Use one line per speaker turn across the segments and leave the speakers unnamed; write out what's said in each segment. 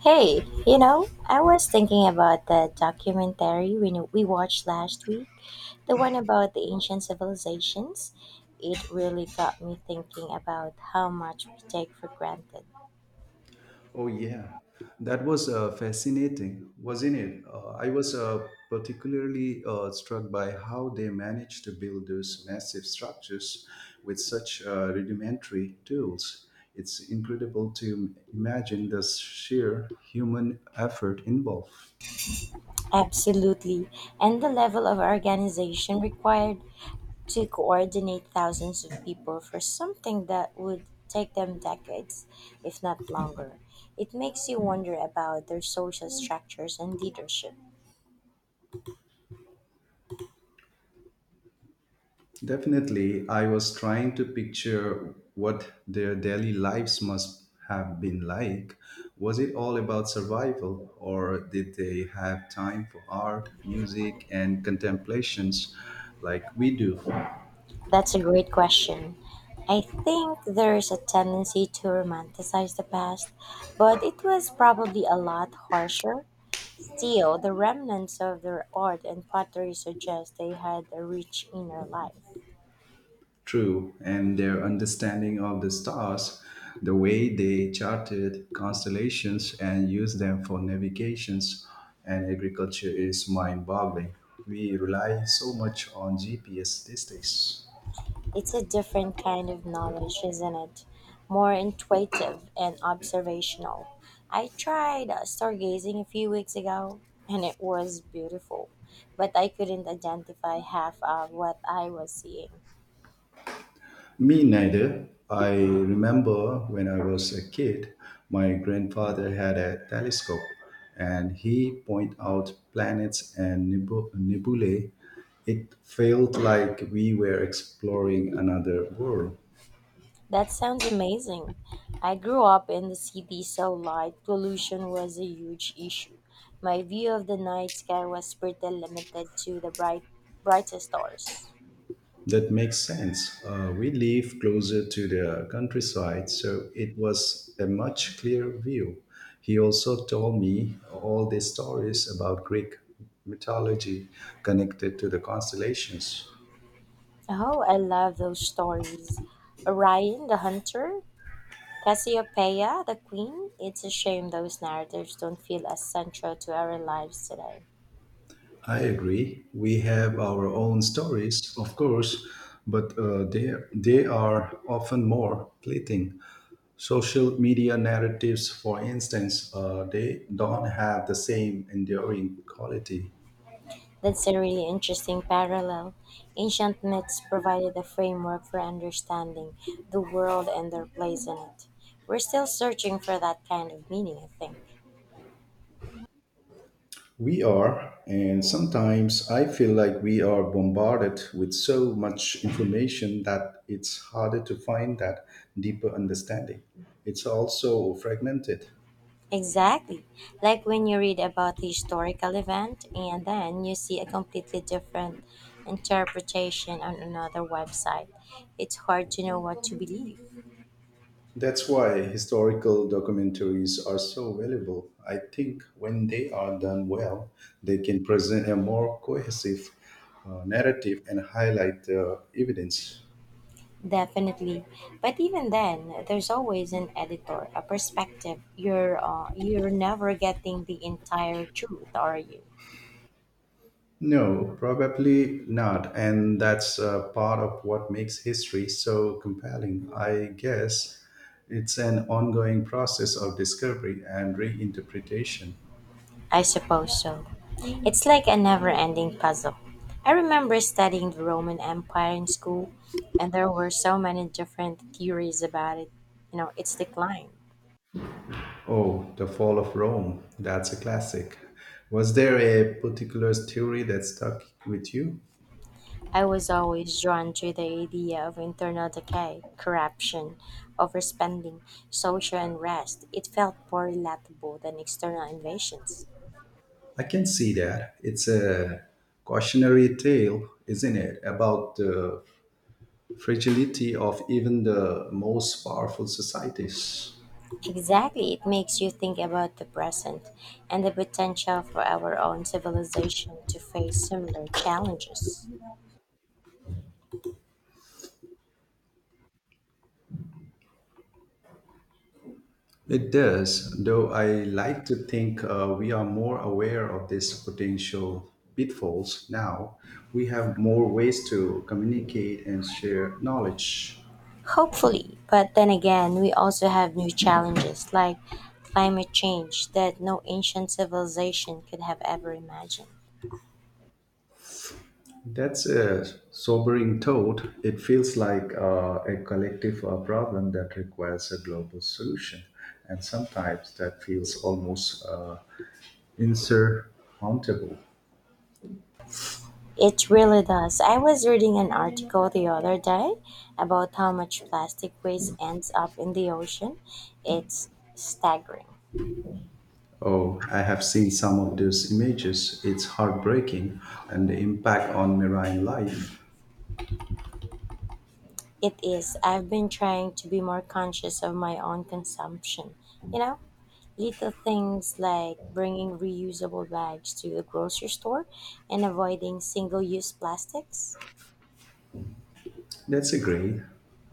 Hey, you know, I was thinking about the documentary we watched last week, the one about the ancient civilizations. It really got me thinking about how much we take for granted.
Oh, yeah. That was fascinating, wasn't it? I was particularly struck by how they managed to build those massive structures with such rudimentary tools. It's incredible to imagine the sheer human effort involved.
Absolutely. And the level of organization required to coordinate thousands of people for something that would take them decades, if not longer. It makes you wonder about their social structures and leadership.
Definitely, I was trying to picture what their daily lives must have been like. Was it all about survival, or did they have time for art, music, and contemplations like we do?
That's a great question. I think there is a tendency to romanticize the past, but it was probably a lot harsher. Still, the remnants of their art and pottery suggest they had a rich inner life.
True, and their understanding of the stars, the way they charted constellations and used them for navigations and agriculture is mind boggling. We rely so much on GPS these days.
It's a different kind of knowledge, isn't it? More intuitive and observational. I tried stargazing a few weeks ago, and it was beautiful, but I couldn't identify half of what I was seeing.
Me neither. I remember when I was a kid, my grandfather had a telescope and he pointed out planets and nebulae. It felt like we were exploring another world.
That sounds amazing. I grew up in the city, so light pollution was a huge issue. My view of the night sky was pretty limited to the bright, brightest stars.
That makes sense. We live closer to the countryside, so it was a much clearer view. He also told me all these stories about Greek mythology connected to the constellations.
Oh, I love those stories. Orion the Hunter, Cassiopeia the Queen. It's a shame those narratives don't feel as central to our lives today.
I agree. We have our own stories, of course, but they are often more fleeting. Social media narratives, for instance, they don't have the same enduring quality.
That's a really interesting parallel. Ancient myths provided a framework for understanding the world and their place in it. We're still searching for that kind of meaning, I think.
We are, and sometimes I feel like we are bombarded with so much information that it's harder to find that deeper understanding. It's also fragmented.
Exactly. Like when you read about a historical event and then you see a completely different interpretation on another website. It's hard to know what to believe.
That's why historical documentaries are so valuable. I think when they are done well, they can present a more cohesive narrative and highlight the evidence.
Definitely. But even then, there's always an editor, a perspective. You're never getting the entire truth, are you?
No, probably not. And that's part of what makes history so compelling. I guess it's an ongoing process of discovery and reinterpretation.
I suppose so. It's like a never-ending puzzle. I remember studying the Roman Empire in school, and there were so many different theories about it, you know, its decline.
Oh, The Fall of Rome. That's a classic. Was there a particular theory that stuck with you?
I was always drawn to the idea of internal decay, corruption, overspending, social unrest. It felt more relatable than external invasions.
I can see that. It's a cautionary tale, isn't it, about the fragility of even the most powerful societies.
Exactly, it makes you think about the present and the potential for our own civilization to face similar challenges.
It does, though I like to think we are more aware of these potential pitfalls now. We have more ways to communicate and share knowledge.
Hopefully, but then again, we also have new challenges like climate change that no ancient civilization could have ever imagined.
That's a sobering thought. It feels like a collective problem that requires a global solution, and sometimes that feels almost insurmountable.
It really does. I was reading an article the other day about how much plastic waste ends up in the ocean. It's staggering.
Oh, I have seen some of those images. It's heartbreaking, and the impact on marine life.
It is. I've been trying to be more conscious of my own consumption. You know, little things like bringing reusable bags to the grocery store and avoiding single use plastics.
That's a great.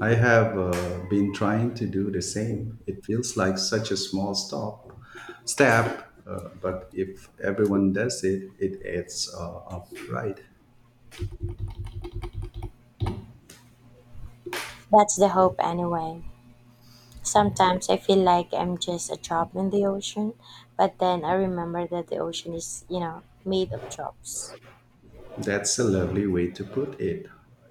I have been trying to do the same. It feels like such a small step, but if everyone does it, it adds up, right?
That's the hope, anyway. Sometimes I feel like I'm just a drop in the ocean, but then I remember that the ocean is, you know, made of drops.
That's a lovely way to put it.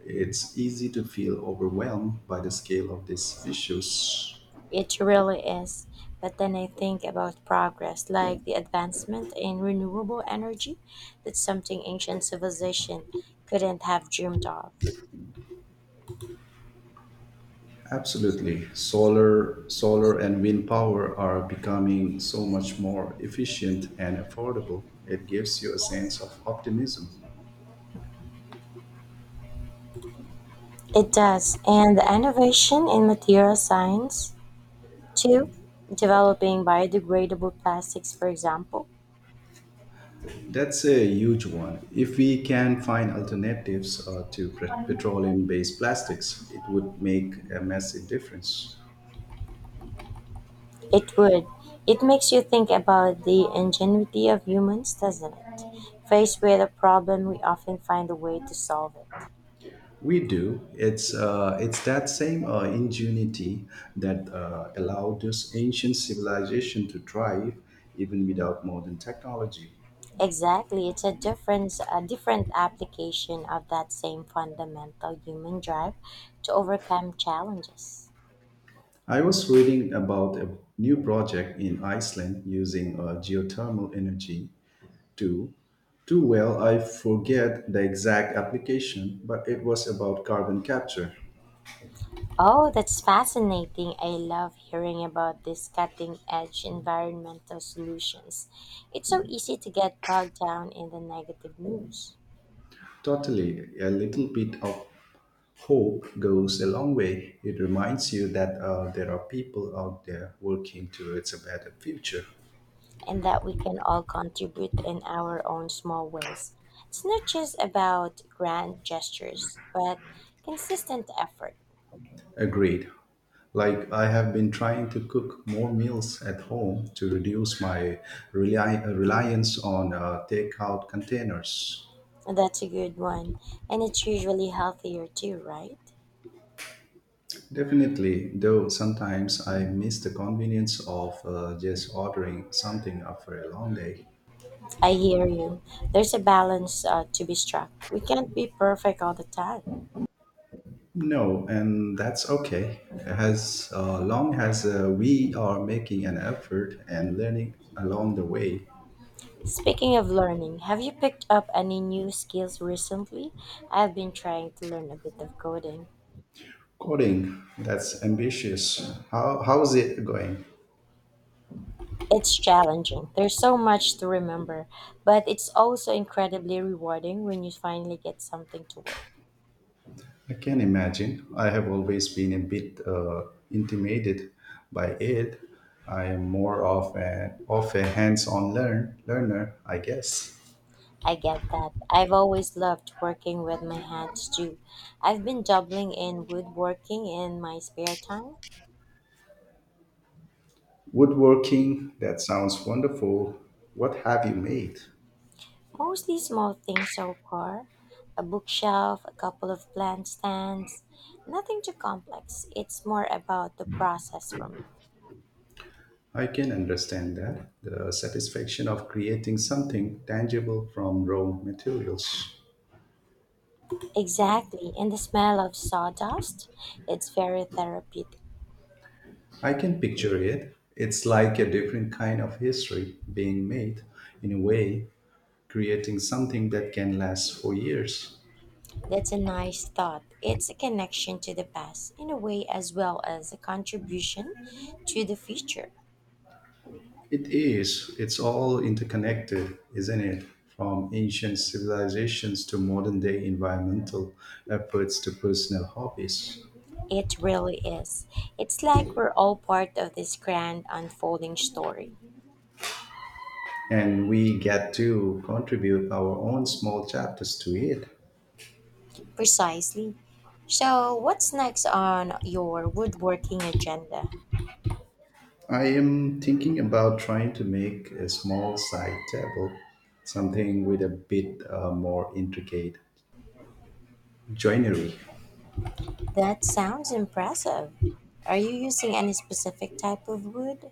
It's easy to feel overwhelmed by the scale of these issues.
It really is. But then I think about progress, like the advancement in renewable energy, that's something ancient civilization couldn't have dreamed of.
Absolutely. Solar and wind power are becoming so much more efficient and affordable. It gives you a sense of optimism.
It does, and the innovation in material science, too, developing biodegradable plastics, for example.
That's a huge one. If we can find alternatives to petroleum based plastics, it would make a massive difference.
It would. It makes you think about the ingenuity of humans, doesn't it? Faced with a problem, we often find a way to solve it.
We do. It's that same ingenuity that allowed this ancient civilization to thrive even without modern technology.
Exactly, it's a difference, a different application of that same fundamental human drive to overcome challenges.
I was reading about a new project in Iceland using geothermal energy too too well. I forget the exact application, but it was about carbon capture.
Oh, that's fascinating. I love hearing about these cutting edge environmental solutions. It's so easy to get bogged down in the negative news.
Totally, a little bit of hope goes a long way. It reminds you that there are people out there working towards a better future.
And that we can all contribute in our own small ways. It's not just about grand gestures, but consistent effort.
Agreed. Like I have been trying to cook more meals at home to reduce my reliance on takeout containers.
That's a good one. And it's usually healthier too, right?
Definitely, though sometimes I miss the convenience of just ordering something after a long day.
I hear you. There's a balance to be struck. We can't be perfect all the time.
No, and that's okay. As long as we are making an effort and learning along the way.
Speaking of learning, have you picked up any new skills recently? I've been trying to learn a bit of coding.
Coding, that's ambitious. How's it going?
It's challenging. There's so much to remember, but it's also incredibly rewarding when you finally get something to work.
I can imagine. I have always been a bit intimidated by it. I am more of a hands on learner, I guess.
I get that. I've always loved working with my hands too. I've been dabbling in woodworking in my spare time,
Woodworking, that sounds wonderful. What have you made?
mostly small things so far. A bookshelf, a couple of plant stands. Nothing too complex. It's more about the process for me.
I can understand that. The satisfaction of creating something tangible from raw materials.
Exactly. And the smell of sawdust, it's very therapeutic.
I can picture it. It's like a different kind of history being made, in a way, creating something that can last for years.
That's a nice thought. It's a connection to the past in a way as well as a contribution to the future.
It is. It's all interconnected, isn't it? From ancient civilizations to modern day environmental efforts to personal hobbies.
It really is. It's like we're all part of this grand unfolding story.
And we get to contribute our own small chapters to it.
Precisely. So, what's next on your woodworking agenda?
I am thinking about trying to make a small side table, something with a bit more intricate joinery.
That sounds impressive. Are you using any specific type of wood?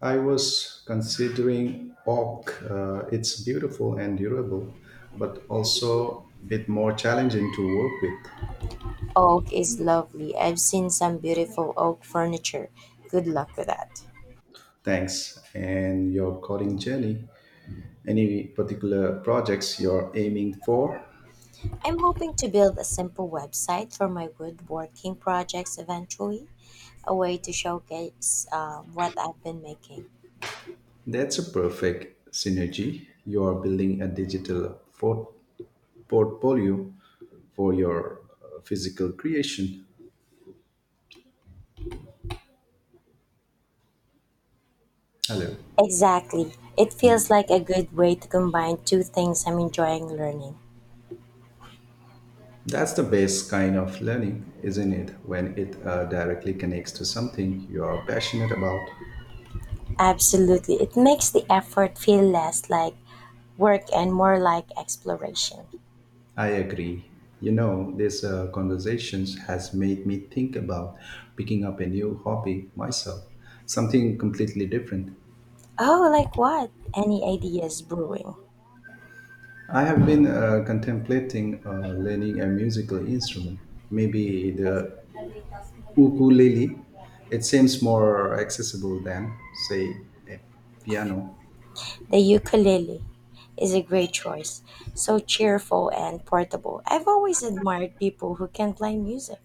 I was considering oak. It's beautiful and durable, but also a bit more challenging to work with.
Oak is lovely. I've seen some beautiful oak furniture. Good luck with that.
Thanks. And your coding journey. Any particular projects you're aiming for?
I'm hoping to build a simple website for my woodworking projects eventually, a way to showcase what I've been making.
That's a perfect synergy. You are building a digital portfolio for your physical creation. Hello.
Exactly. It feels like a good way to combine two things I'm enjoying learning.
That's the best kind of learning, isn't it? When it directly connects to something you are passionate about.
Absolutely. It makes the effort feel less like work and more like exploration.
I agree. You know, this conversation has made me think about picking up a new hobby myself, something completely different.
Oh, like what? Any ideas brewing?
I have been contemplating learning a musical instrument, maybe the ukulele. It seems more accessible than, say, a piano.
The ukulele is a great choice. So cheerful and portable. I've always admired people who can play music.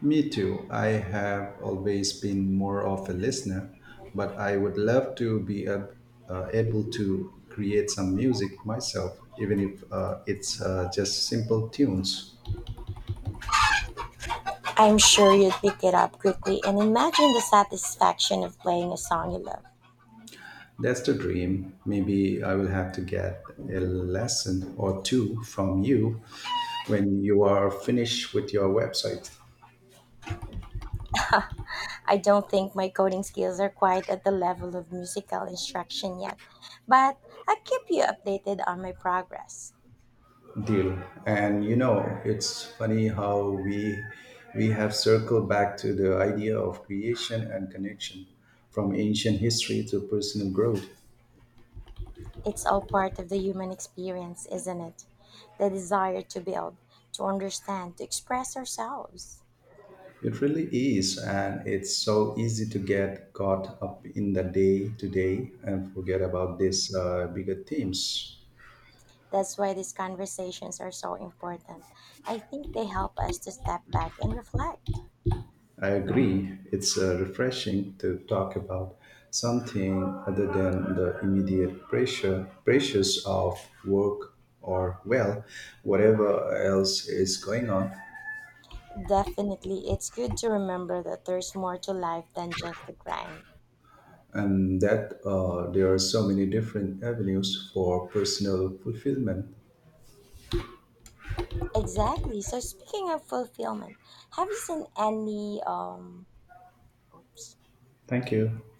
Me too. I have always been more of a listener, but I would love to be able to create some music myself, even if it's just simple tunes.
I'm sure you'd pick it up quickly and imagine the satisfaction of playing a song you love.
That's the dream. Maybe I will have to get a lesson or two from you when you are finished with your website
I don't think my coding skills are quite at the level of musical instruction yet, but I'll keep you updated on my progress.
deal. And you know, it's funny how we have circled back to the idea of creation and connection from ancient history to personal growth.
It's all part of the human experience, isn't it? The desire to build, to understand, to express ourselves.
It really is, and it's so easy to get caught up in the day to day and forget about these bigger themes.
That's why these conversations are so important. I think they help us to step back and reflect.
I agree. It's refreshing to talk about something other than the immediate pressures of work or well, whatever else is going on,
Definitely, it's good to remember that there's more to life than just the grind.
and that there are so many different avenues for personal fulfillment.
Exactly. So speaking of fulfillment, have you seen any oops
Thank you.